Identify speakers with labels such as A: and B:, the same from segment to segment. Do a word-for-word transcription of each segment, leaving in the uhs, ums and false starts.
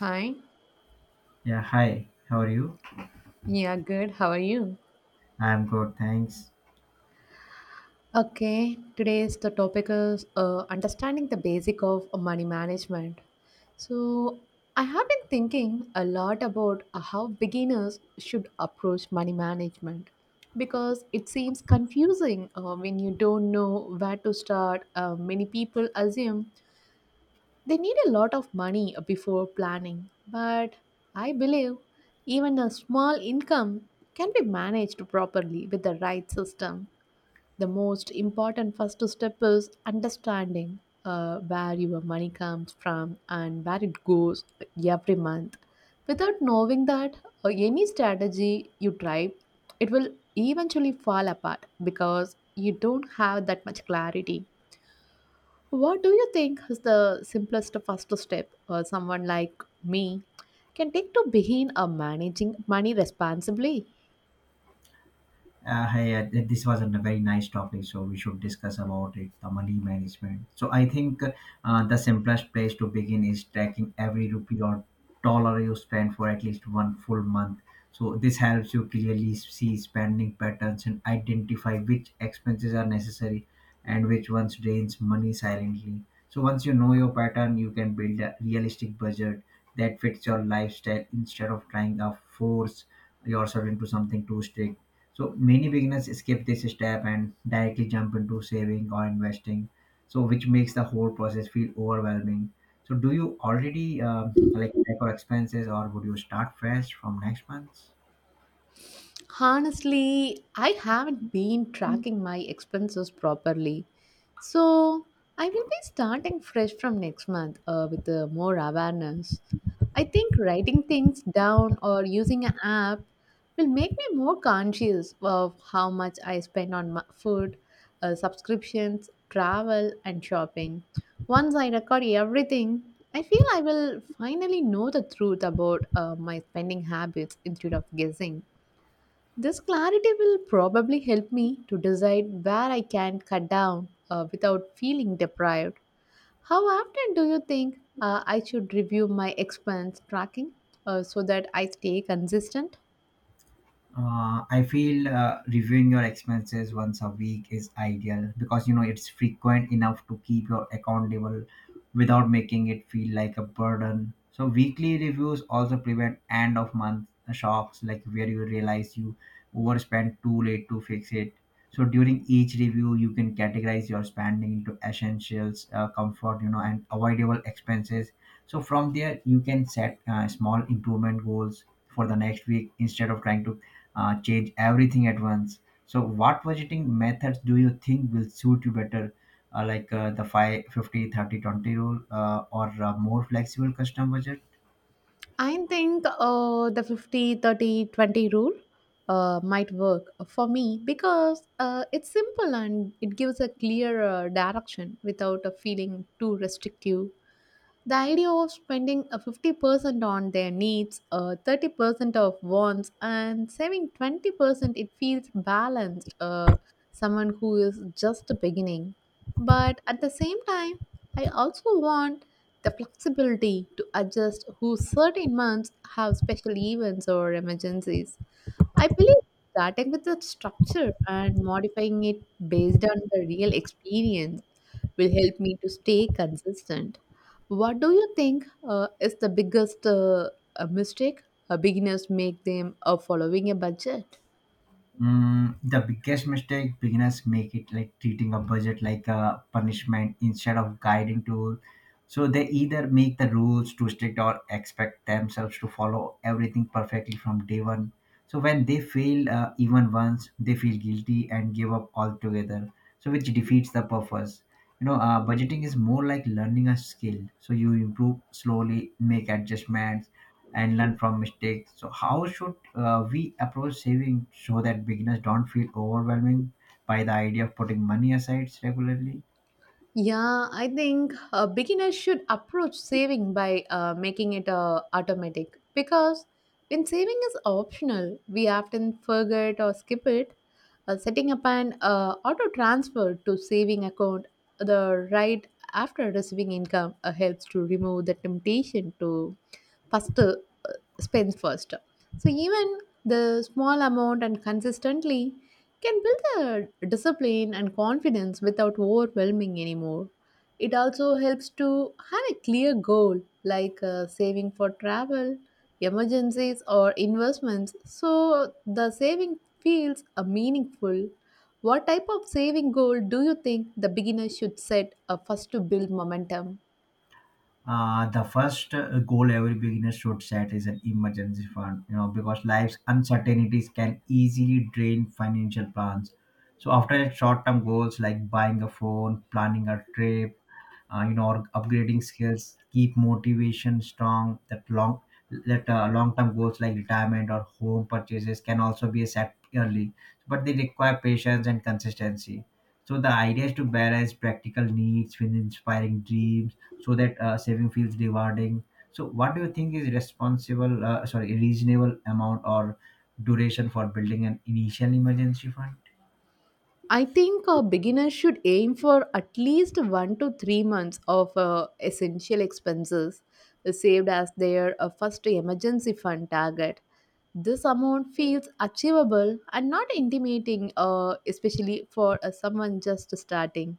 A: Hi.
B: Yeah, hi. How are you?
A: Yeah, good. How are you?
B: I'm good, thanks.
A: Okay, today's the topic is uh, understanding the basic of money management. So, I have been thinking a lot about uh, how beginners should approach money management because it seems confusing uh, when you don't know where to start. Uh, many people assume they need a lot of money before planning, but I believe even a small income can be managed properly with the right system. The most important first step is understanding uh, where your money comes from and where it goes every month. Without knowing that, uh, any strategy you try, it will eventually fall apart because you don't have that much clarity. What do you think is the simplest first step uh, someone like me can take to begin a managing money responsibly?
B: Uh, hey, uh, th- this was a very nice topic, so we should discuss about it, the money management. So I think uh, the simplest place to begin is tracking every rupee or dollar you spend for at least one full month. So this helps you clearly see spending patterns and identify which expenses are necessary and which ones drains money silently. So once you know your pattern, you can build a realistic budget that fits your lifestyle instead of trying to force yourself into something too strict. So many beginners skip this step and directly jump into saving or investing. So which makes the whole process feel overwhelming. So do you already um like track your expenses, or would you start fresh from next month?
A: Honestly, I haven't been tracking my expenses properly. So, I will be starting fresh from next month uh, with uh, more awareness. I think writing things down or using an app will make me more conscious of how much I spend on my food, uh, subscriptions, travel, and shopping. Once I record everything, I feel I will finally know the truth about uh, my spending habits instead of guessing. This clarity will probably help me to decide where I can cut down uh, without feeling deprived. How often do you think uh, I should review my expense tracking, uh, so that I stay consistent?
B: uh, i feel uh, reviewing your expenses once a week is ideal because you know it's frequent enough to keep your accountable without making it feel like a burden. So weekly reviews also prevent end of month shocks like where you realize you overspent too late to fix it. So during each review you can categorize your spending into essentials, uh, comfort, you know, and avoidable expenses. So from there you can set uh, small improvement goals for the next week instead of trying to uh, change everything at once. So, what budgeting methods do you think will suit you better, uh, like uh, the five, fifty, thirty, twenty, fifty, rule, uh, or uh, more flexible custom budget?
A: I think uh, the fifty thirty twenty rule uh, might work for me because uh, it's simple and it gives a clear uh, direction without a feeling too restrictive. The idea of spending a fifty percent on their needs, uh, thirty percent of wants, and saving twenty percent, it feels balanced. Uh, someone who is just beginning. But at the same time, I also want the flexibility to adjust who certain months have special events or emergencies. I believe starting with the structure and modifying it based on the real experience will help me to stay consistent. What do you think uh, is the biggest uh, uh, mistake uh, beginners make them uh, following a budget?
B: Mm, the biggest mistake beginners make it like treating a budget like a punishment instead of guiding tool. So they either make the rules too strict or expect themselves to follow everything perfectly from day one. So when they fail uh, even once, they feel guilty and give up altogether. So which defeats the purpose. You know, uh, budgeting is more like learning a skill. So you improve slowly, make adjustments and learn from mistakes. So, how should uh, we approach saving so that beginners don't feel overwhelming by the idea of putting money aside regularly?
A: Yeah, I think uh, beginners should approach saving by uh, making it uh, automatic because when saving is optional, we often forget or skip it. Uh, setting up an uh, auto transfer to saving account the right after receiving income uh, helps to remove the temptation to first uh, spends first. So even the small amount and consistently can build a discipline and confidence without overwhelming anymore. It also helps to have a clear goal like uh, saving for travel, emergencies, or investments so the saving feels uh, meaningful. What type of saving goal do you think the beginner should set uh, first to build momentum?
B: Uh, the first uh, goal every beginner should set is an emergency fund, you know, because life's uncertainties can easily drain financial plans. So, after short term goals like buying a phone, planning a trip, uh, you know, or upgrading skills keep motivation strong that long that uh, long term goals like retirement or home purchases can also be set early, but they require patience and consistency. So the idea is to balance practical needs with inspiring dreams so that uh, saving feels rewarding. So what do you think is responsible, uh, sorry, reasonable amount or duration for building an initial emergency fund?
A: I think a beginner should aim for at least one to three months of uh, essential expenses saved as their uh, first emergency fund target. This amount feels achievable and not intimidating, uh, especially for uh, someone just starting.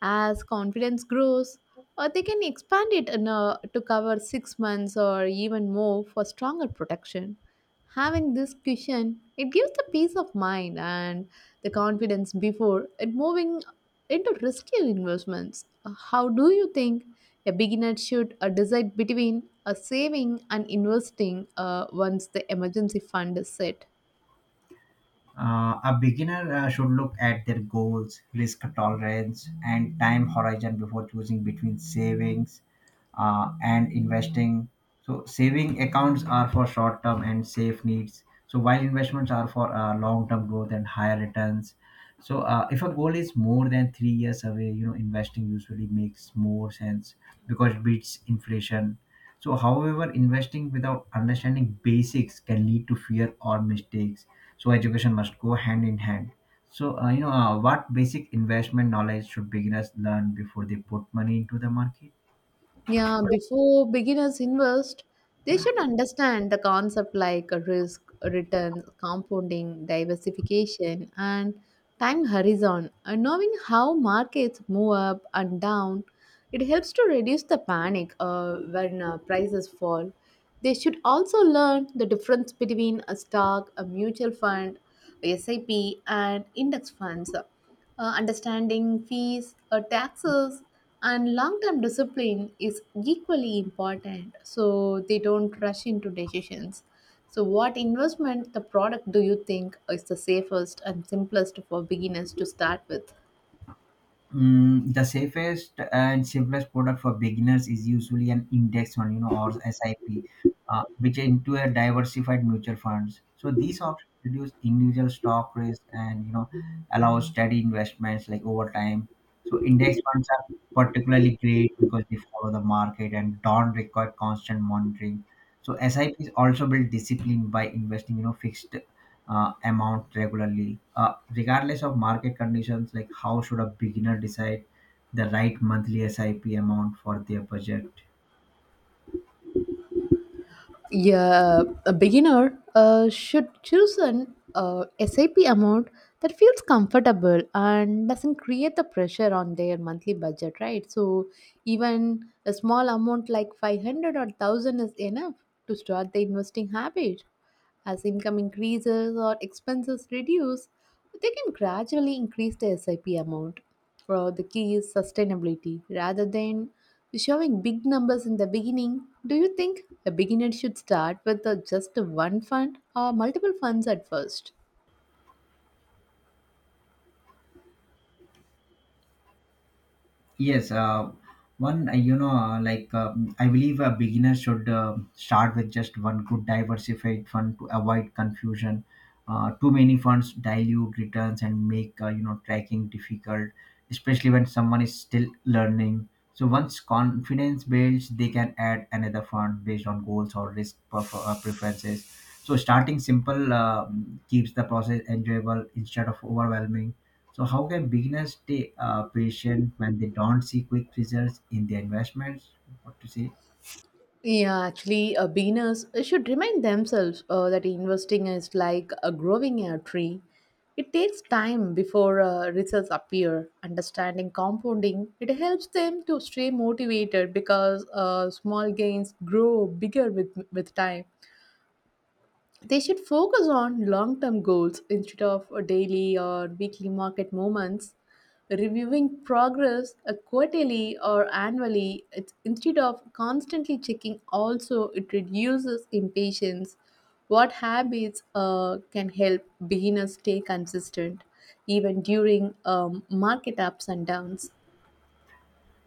A: As confidence grows, uh, they can expand it in a- to cover six months or even more for stronger protection. Having this cushion, it gives the peace of mind and the confidence before it moving into riskier investments. Uh, How do you think a beginner should uh, decide between uh, saving and investing uh, once the emergency fund is set?
B: Uh, a beginner uh, should look at their goals, risk tolerance, and time horizon before choosing between savings uh, and investing. So, saving accounts are for short term and safe needs. So, while investments are for uh, long term growth and higher returns. So, uh, if a goal is more than three years away, you know, investing usually makes more sense because it beats inflation. So, however, investing without understanding basics can lead to fear or mistakes. So, education must go hand in hand. So, uh, you know, uh, what basic investment knowledge should beginners learn before they put money into the market?
A: Yeah, before beginners invest, they should understand the concept like risk, return, compounding, diversification, and time horizon. And knowing how markets move up and down, it helps to reduce the panic uh, when uh, prices fall. They should also learn the difference between a stock, a mutual fund, S I P, and index funds, uh, understanding fees, uh, taxes, and long term discipline is equally important so they don't rush into decisions. So, what investment the product do you think is the safest and simplest for beginners to start with?
B: Mm, the safest and simplest product for beginners is usually an index fund, you know, or S I P, uh, which into a diversified mutual funds. So these options reduce individual stock risk and you know allow steady investments like over time. So index funds are particularly great because they follow the market and don't require constant monitoring. So S I Ps also build discipline by investing, you know, fixed uh, amount regularly uh, regardless of market conditions. Like how should a beginner decide the right monthly sip amount for their budget?
A: Yeah, a beginner uh, should choose an uh, S I P amount that feels comfortable and doesn't create the pressure on their monthly budget, right? So even a small amount like five hundred or one thousand is enough to start the investing habit. As income increases or expenses reduce, they can gradually increase the S I P amount. For the key is sustainability rather than showing big numbers in the beginning. Do you think a beginner should start with uh, just one fund or multiple funds at first?
B: Yes, uh, one, uh, you know, uh, like um, I believe a beginner should uh, start with just one good diversified fund to avoid confusion. Uh, too many funds dilute returns and make, uh, you know, tracking difficult, especially when someone is still learning. So once confidence builds, they can add another fund based on goals or risk prefer- uh, preferences. So starting simple uh, keeps the process enjoyable instead of overwhelming. So, how can beginners stay uh, patient when they don't see quick results in their investments? What to say?
A: Yeah, actually, uh, beginners should remind themselves uh, that investing is like uh, growing a tree. It takes time before uh, results appear. Understanding compounding, it helps them to stay motivated because uh, small gains grow bigger with with time. They should focus on long term goals instead of a daily or weekly market movements. Reviewing progress uh, quarterly or annually it's, instead of constantly checking, also, it reduces impatience. What habits uh, can help beginners stay consistent even during um, market ups and downs?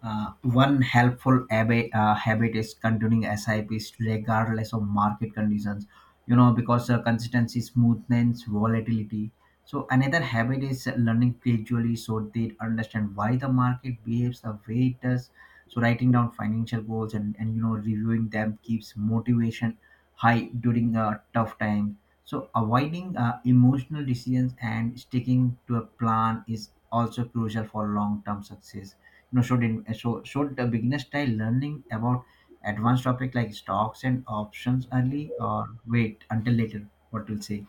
B: Uh, one helpful habit, uh, habit is continuing S I Ps regardless of market conditions, you know, because uh, consistency smoothness, volatility. So, another habit is learning gradually so they understand why the market behaves the way it does. So, writing down financial goals and, and you know, reviewing them keeps motivation high during a tough time. So, avoiding uh, emotional decisions and sticking to a plan is also crucial for long term success. No, should in, so should the beginner style learning about advanced topic like stocks and options early or wait until later? What will say?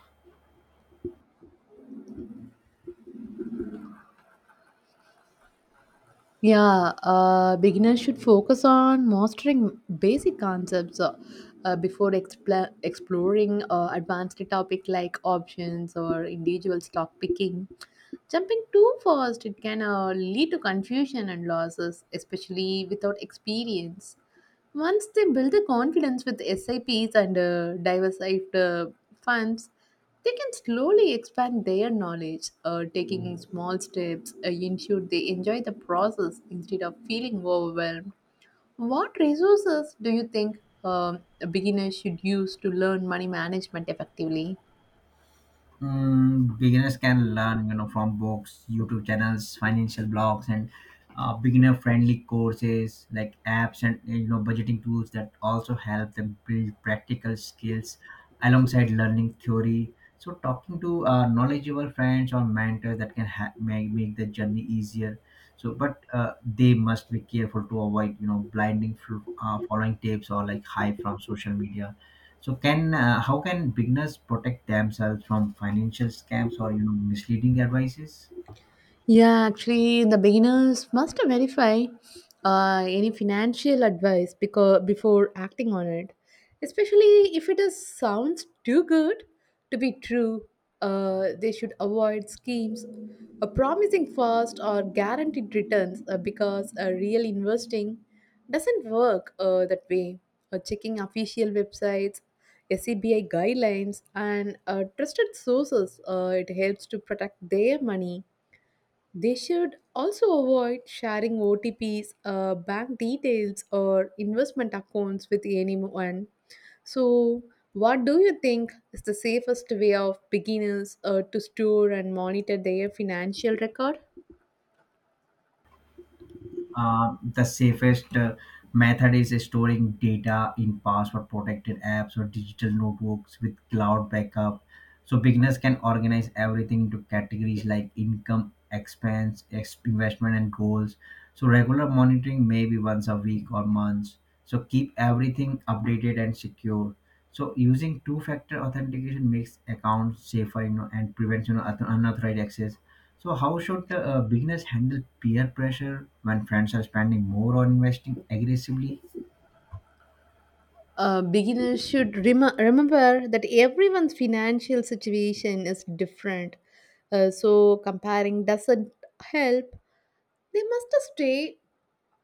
A: Yeah, uh, beginners should focus on mastering basic concepts uh, uh, before expla exploring uh, advanced topic like options or individual stock picking. Jumping too fast, it can uh, lead to confusion and losses, especially without experience. Once they build the confidence with S I Ps and uh, diversified uh, funds, they can slowly expand their knowledge, uh, taking small steps, uh, ensure they enjoy the process instead of feeling overwhelmed. What resources do you think um, beginners should use to learn money management effectively?
B: Mm, beginners can learn, you know, from books, YouTube channels, financial blogs, and uh, beginner-friendly courses like apps, and you know, budgeting tools that also help them build practical skills alongside learning theory. So, talking to uh, knowledgeable friends or mentors that can ha- make make the journey easier. So, but uh, they must be careful to avoid, you know, blinding, fl- uh, following tips or like hype from social media. So can uh, how can beginners protect themselves from financial scams or you know misleading advices?
A: Yeah, actually, the beginners must verify uh, any financial advice because before acting on it, especially if it is, sounds too good to be true. Uh, they should avoid schemes uh, promising fast or guaranteed returns uh, because uh, real investing doesn't work uh, that way. Uh, checking official websites, S C B I guidelines, and uh, trusted sources, uh, it helps to protect their money. They should also avoid sharing O T Ps, uh, bank details, or investment accounts with anyone. So, what do you think is the safest way of beginners uh, to store and monitor their financial record?
B: uh, the safest uh, method is storing data in password protected apps or digital notebooks with cloud backup. So beginners can organize everything into categories like income, expense ex- investment, and goals. So regular monitoring maybe once a week or months, so keep everything updated and secure. So using two factor authentication makes accounts safer, you know, and prevents you know unauth- unauthorized access. So, how should uh, beginners handle peer pressure when friends are spending more or investing aggressively?
A: Uh, beginners should rem- remember that everyone's financial situation is different. Uh, so, comparing doesn't help. They must stay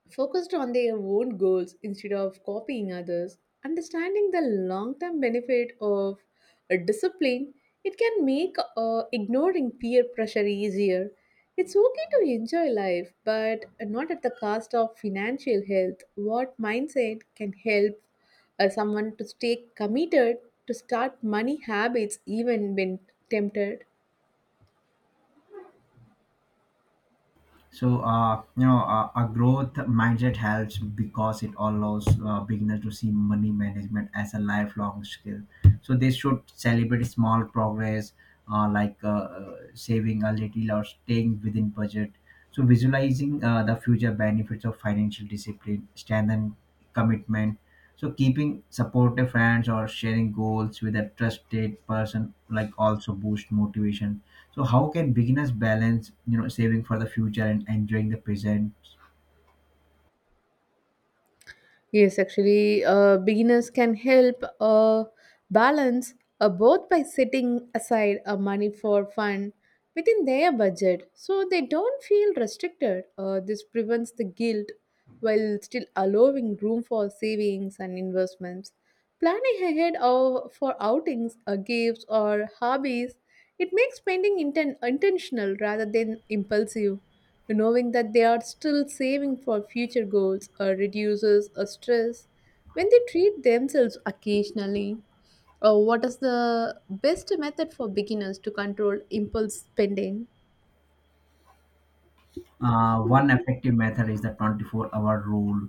A: focused on their own goals instead of copying others, understanding the long term benefit of a discipline, it can make uh, ignoring peer pressure easier. It's okay to enjoy life, but not at the cost of financial health. What mindset can help uh, someone to stay committed to start money habits even when tempted?
B: So, uh, you know, uh, a growth mindset helps because it allows uh, beginners to see money management as a lifelong skill. So, they should celebrate small progress, uh, like uh, uh, saving a little or staying within budget. So, visualizing uh, the future benefits of financial discipline, strengthen commitment. So keeping supportive friends or sharing goals with a trusted person like also boost motivation. So how can beginners balance you know saving for the future and enjoying the present?
A: Yes, actually, uh, beginners can help uh, balance uh, both by setting aside uh, money for fun within their budget so they don't feel restricted. Uh, this prevents the guilt while still allowing room for savings and investments. Planning ahead of, for outings, uh, gifts, or hobbies, it makes spending inten- intentional rather than impulsive. Knowing that they are still saving for future goals uh, reduces uh, stress when they treat themselves occasionally. Uh, what is the best method for beginners to control impulse spending?
B: Uh, one effective method is the twenty-four-hour rule,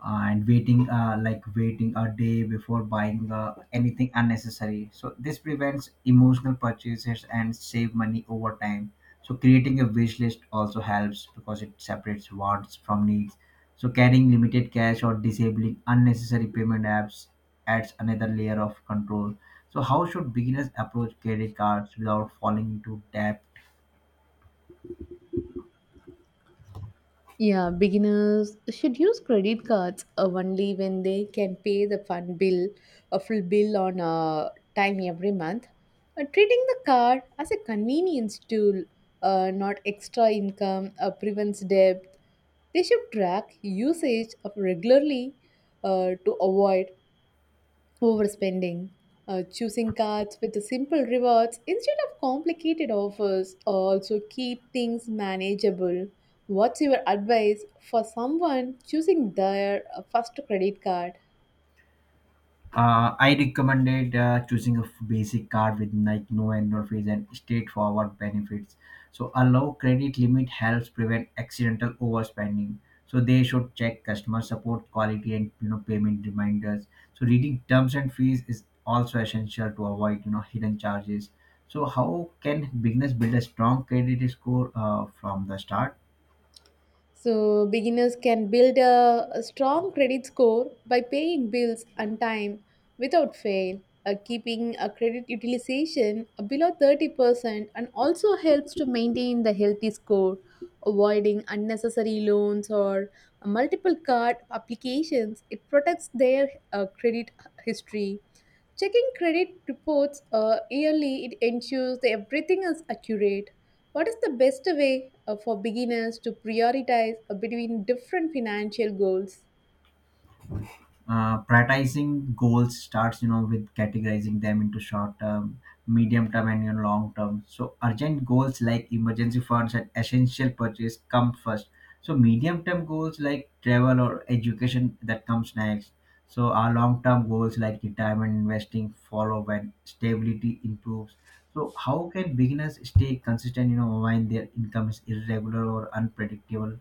B: uh, and waiting uh, like waiting a day before buying uh, anything unnecessary. So this prevents emotional purchases and save money over time. So creating a wish list also helps because it separates wants from needs. So carrying limited cash or disabling unnecessary payment apps adds another layer of control. So how should beginners approach credit cards without falling into debt?
A: Yeah, beginners should use credit cards uh, only when they can pay the fund bill, a full bill on uh, time every month. Uh, treating the card as a convenience tool, uh, not extra income, uh, prevents debt. They should track usage of regularly uh, to avoid overspending, uh, choosing cards with the simple rewards instead of complicated offers, also keep things manageable. What's your advice for someone choosing their uh, first credit card?
B: Uh, I recommended uh, choosing a f- basic card with like no annual fees and straightforward benefits. So a low credit limit helps prevent accidental overspending. So they should check customer support quality and you know payment reminders. So reading terms and fees is also essential to avoid you know hidden charges. So how can beginners build a strong credit score uh, from the start?
A: So, beginners can build a, a strong credit score by paying bills on time without fail. Uh, keeping a credit utilization below thirty percent and also helps to maintain the healthy score, avoiding unnecessary loans or multiple card applications. It protects their uh, credit history. Checking credit reports uh, yearly, it ensures that everything is accurate. What is the best way uh, for beginners to prioritize uh, between different financial goals?
B: Uh, prioritizing goals starts you know with categorizing them into short term, medium term, and you know, long term. So urgent goals like emergency funds and essential purchase come first. So medium term goals like travel or education that comes next. So our long term goals like retirement investing follow when stability improves. So how can beginners stay consistent you know when their income is irregular or unpredictable?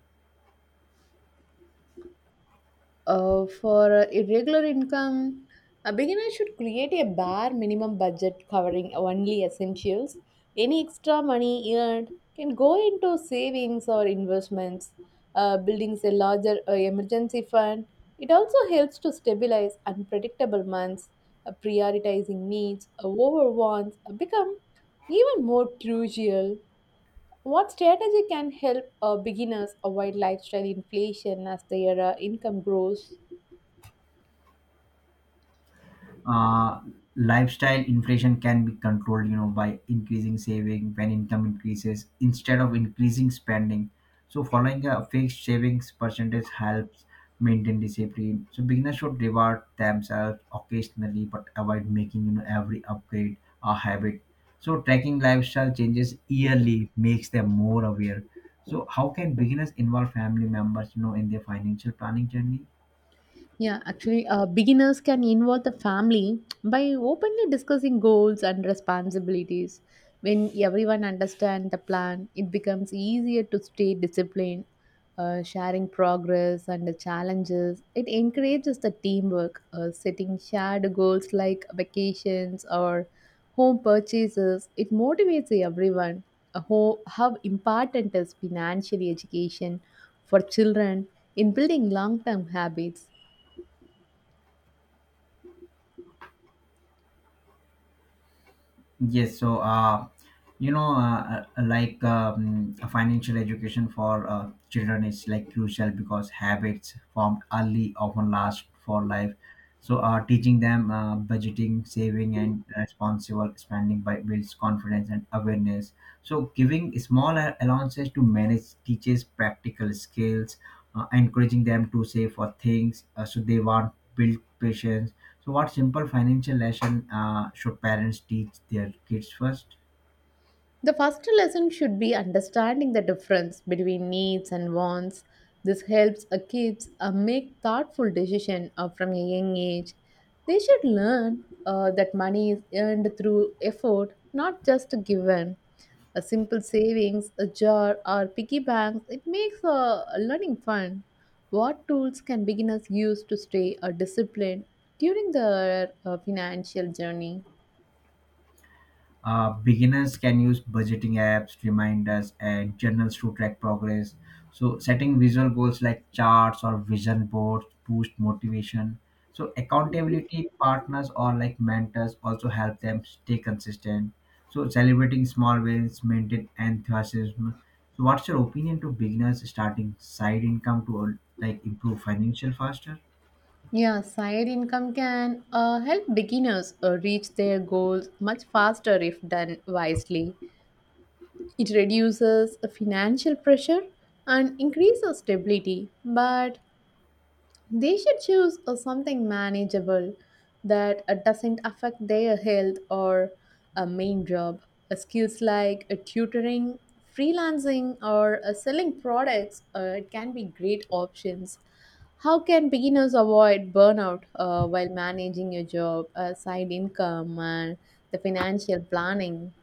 A: Uh, for uh, irregular income, a beginner should create a bare minimum budget covering only essentials. Any extra money earned can go into savings or investments. Uh, building a larger uh, emergency fund. It also helps to stabilize unpredictable months. Uh, prioritizing needs uh, over wants uh, become even more crucial. What strategy can help uh, beginners avoid lifestyle inflation as their uh, income grows?
B: uh, Lifestyle inflation can be controlled you know by increasing saving when income increases instead of increasing spending. So following a fixed savings percentage helps maintain discipline. So beginners should reward themselves occasionally but avoid making you know every upgrade a habit. So tracking lifestyle changes yearly makes them more aware. So how can beginners involve family members you know in their financial planning journey?
A: Yeah, actually, uh, beginners can involve the family by openly discussing goals and responsibilities. When everyone understands the plan, it becomes easier to stay disciplined. Uh, sharing progress and the challenges, it encourages the teamwork. Uh, setting shared goals like vacations or home purchases, it motivates everyone. Uh, How, how important is financial education for children in building long-term habits?
B: Yes, so uh, you know, uh, uh, like um, financial education for uh, children is like crucial because habits formed early often last for life. So, uh, teaching them uh, budgeting, saving, and responsible spending by builds confidence and awareness. So, giving small a- allowances to manage teaches practical skills, uh, encouraging them to save for things uh, so they want build patience. So, what simple financial lesson uh, should parents teach their kids first?
A: The first lesson should be understanding the difference between needs and wants. This helps a kids uh, make thoughtful decisions from a young age. They should learn uh, that money is earned through effort, not just given. A simple savings, a jar, or piggy banks, it makes uh, learning fun. What tools can beginners use to stay uh, disciplined during their uh, financial journey?
B: Uh, beginners can use budgeting apps, reminders, and journals to track progress. So, setting visual goals like charts or vision boards boost motivation. So, accountability partners or like mentors also help them stay consistent. So, celebrating small wins, maintain enthusiasm. So, what's your opinion to beginners starting side income to like improve financial faster?
A: Yeah, side income can uh, help beginners uh, reach their goals much faster if done wisely. It reduces financial pressure and increases stability, but they should choose uh, something manageable that uh, doesn't affect their health or a main job. Uh, skills like uh, tutoring, freelancing, or uh, selling products uh, it can be great options. How can beginners avoid burnout uh, while managing a job, a side income, and the financial planning?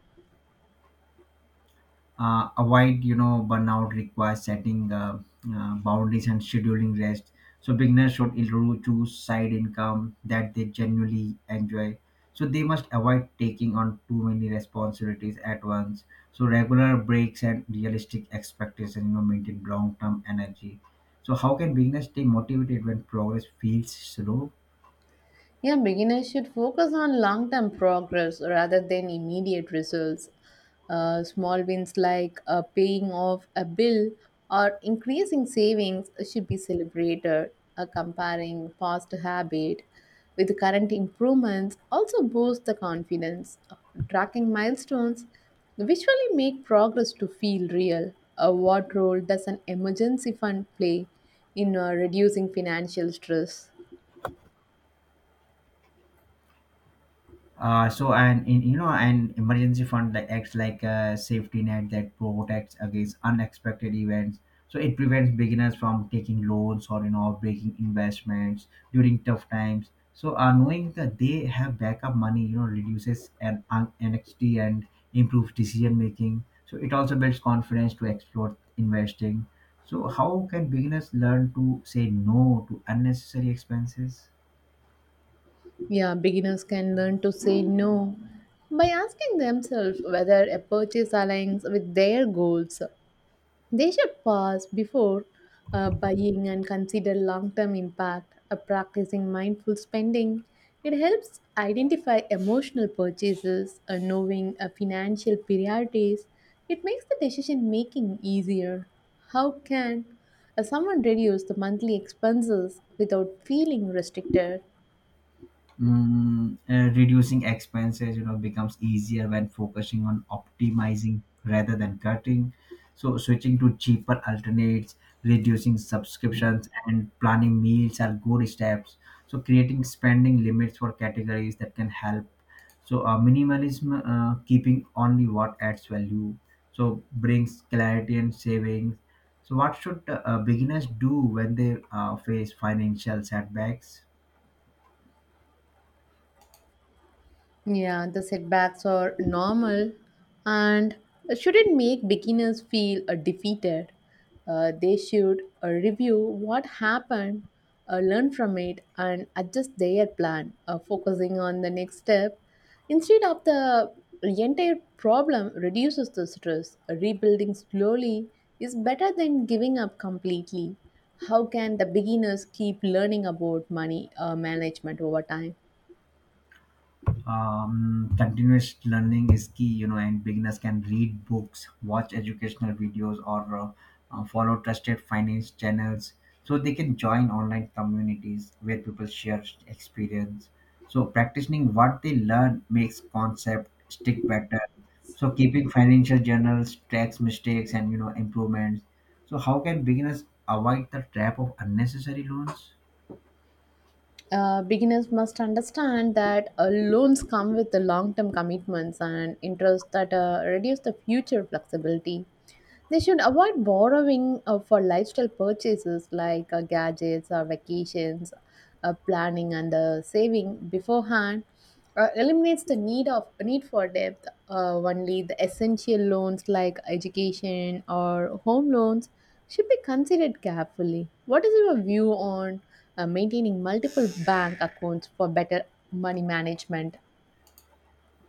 B: uh, Avoid you know burnout requires setting uh, uh, boundaries and scheduling rest. So beginners should intro- choose side income that they genuinely enjoy, so they must avoid taking on too many responsibilities at once. So regular breaks and realistic expectations, you know, maintain long-term energy. So how can beginners stay motivated when progress feels slow?
A: Yeah, beginners should focus on long term progress rather than immediate results. Uh, small wins like uh, paying off a bill or increasing savings should be celebrated. Uh, comparing past habit with current improvements also boosts the confidence. Uh, Tracking milestones visually make progress to feel real. Uh, what role does an emergency fund play in uh, reducing financial stress?
B: Uh, so and in, you know an emergency fund like acts like a safety net that protects against unexpected events, so it prevents beginners from taking loans or, you know, breaking investments during tough times. So uh, knowing that they have backup money, you know, reduces an an anxiety and improves decision making. So it also builds confidence to explore investing. So how can beginners learn to say no to unnecessary expenses?
A: Yeah, beginners can learn to say no by asking themselves whether a purchase aligns with their goals. They should pause before uh, buying and consider long term impact. Uh, practicing mindful spending, it helps identify emotional purchases, uh, knowing uh, financial priorities. It makes the decision making easier. How can uh, someone reduce the monthly expenses without feeling restricted?
B: Mm, uh, reducing expenses, you know, becomes easier when focusing on optimizing rather than cutting. So switching to cheaper alternates, reducing subscriptions, and planning meals are good steps. So creating spending limits for categories that can help. So uh, minimalism, uh, keeping only what adds value. So brings clarity and savings. So what should uh, uh, beginners do when they uh, face financial setbacks?
A: Yeah, the setbacks are normal and shouldn't make beginners feel uh, defeated. Uh, they should uh, review what happened, uh, learn from it, and adjust their plan, uh, focusing on the next step. Instead of the entire problem reduces the stress, uh, rebuilding slowly is better than giving up completely. How can the beginners keep learning about money uh, management over time?
B: Um, continuous learning is key, you know, and beginners can read books, watch educational videos, or uh, uh, follow trusted finance channels. So they can join online communities where people share experience. So practicing what they learn makes concept stick better. So keeping financial journals tracks mistakes and, you know, improvements. So how can beginners avoid the trap of unnecessary loans?
A: uh, beginners must understand that uh, loans come with the long-term commitments and interest that uh, reduce the future flexibility. They should avoid borrowing uh, for lifestyle purchases like uh, gadgets or vacations, uh, planning and uh, saving beforehand uh, eliminates the need of need for depth. Uh, only the essential loans like education or home loans should be considered carefully. What is your view on uh, maintaining multiple bank accounts for better money management?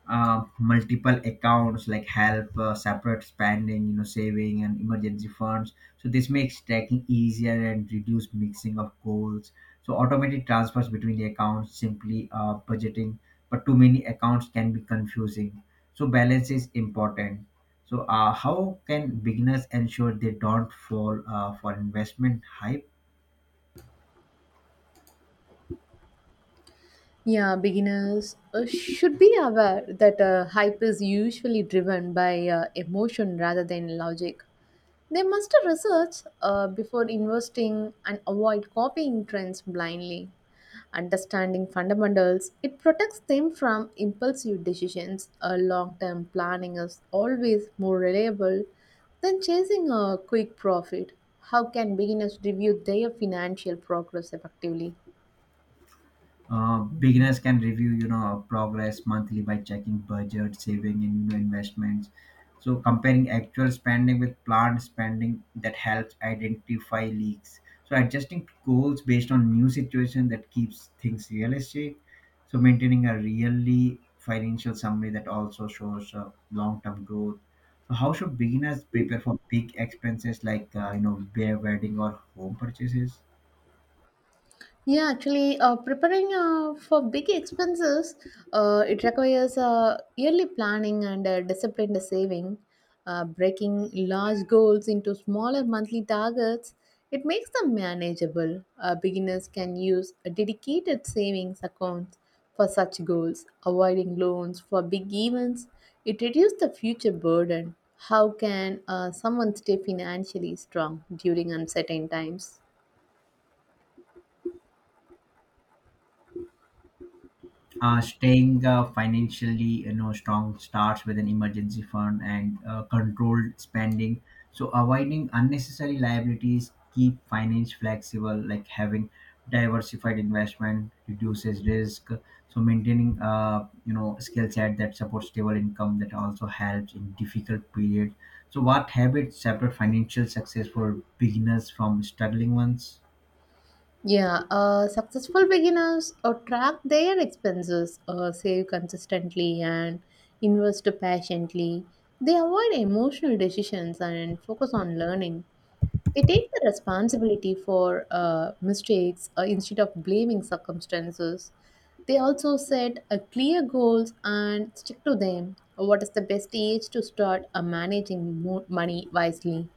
B: uh, Multiple accounts like help uh, separate spending, you know, saving and emergency funds. So this makes tracking easier and reduce mixing of goals. So automated transfers between the accounts simply uh, budgeting, but too many accounts can be confusing. So balance is important. So uh, how can beginners ensure they don't fall uh, for investment hype?
A: Yeah, beginners uh, should be aware that uh, hype is usually driven by uh, emotion rather than logic. They must research uh, before investing and avoid copying trends blindly. Understanding fundamentals, it protects them from impulsive decisions. A long-term planning is always more reliable than chasing a quick profit. How can beginners review their financial progress effectively?
B: Uh, beginners can review, you know, progress monthly by checking budget, saving, and, you know, investments. So comparing actual spending with planned spending that helps identify leaks. So adjusting goals based on new situation that keeps things realistic. So maintaining a really financial summary that also shows uh, long-term growth. So how should beginners prepare for big expenses like uh, you know their wedding or home purchases?
A: Yeah, actually, uh, preparing uh, for big expenses, uh, it requires uh, yearly planning and uh, disciplined saving. Uh, breaking large goals into smaller monthly targets, it makes them manageable. Uh, beginners can use a dedicated savings accounts for such goals, avoiding loans for big events. It reduces the future burden. How can uh, someone stay financially strong during uncertain times?
B: Uh, staying uh, financially, you know, strong starts with an emergency fund and uh, controlled spending. So avoiding unnecessary liabilities keep finance flexible, like having diversified investment reduces risk. So maintaining uh, you know, skill set that supports stable income that also helps in difficult periods. So what habits separate financial success for beginners from struggling ones?
A: Yeah, uh, successful beginners uh, track their expenses, uh, save consistently, and invest patiently. They avoid emotional decisions and focus on learning. They take the responsibility for uh, mistakes uh, instead of blaming circumstances. They also set uh, clear goals and stick to them. What is the best age to start uh, managing mo- money wisely?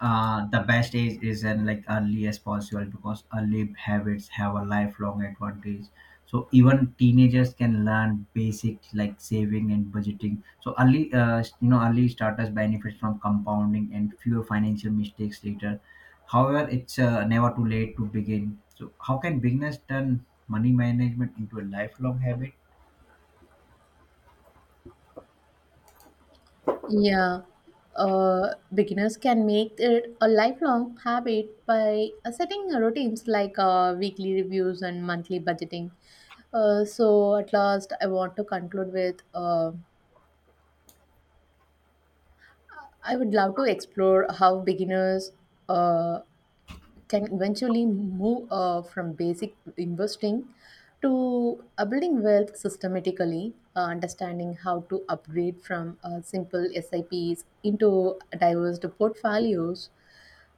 B: uh, The best age is in like early as possible because early habits have a lifelong advantage. So even teenagers can learn basic like saving and budgeting. So early uh, you know early starters benefit from compounding and fewer financial mistakes later. However, it's uh, never too late to begin. So how can beginners turn money management into a lifelong habit?
A: Yeah, uh, beginners can make it a lifelong habit by uh, setting routines like uh, weekly reviews and monthly budgeting. Uh, so, at last, I want to conclude with uh, I would love to explore how beginners uh, can eventually move uh, from basic investing to uh, building wealth systematically, uh, understanding how to upgrade from uh, simple S I Ps into diverse portfolios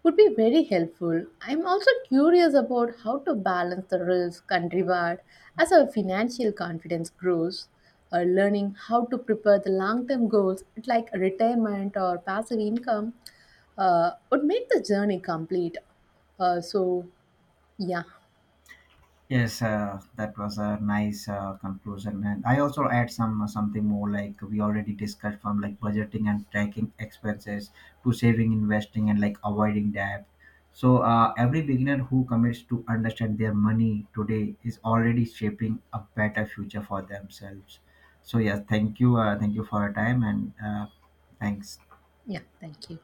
A: would be very helpful. I'm also curious about how to balance the risk and reward as our financial confidence grows. Uh, learning how to prepare the long-term goals like retirement or passive income uh, would make the journey complete. Uh, so yeah,
B: Yes, uh, that was a nice uh, conclusion, and I also add some uh, something more like we already discussed from like budgeting and tracking expenses to saving, investing, and like avoiding debt. So uh, every beginner who commits to understand their money today is already shaping a better future for themselves. So yes, thank you, uh, thank you for your time, and uh, thanks.
A: yeah, thank you.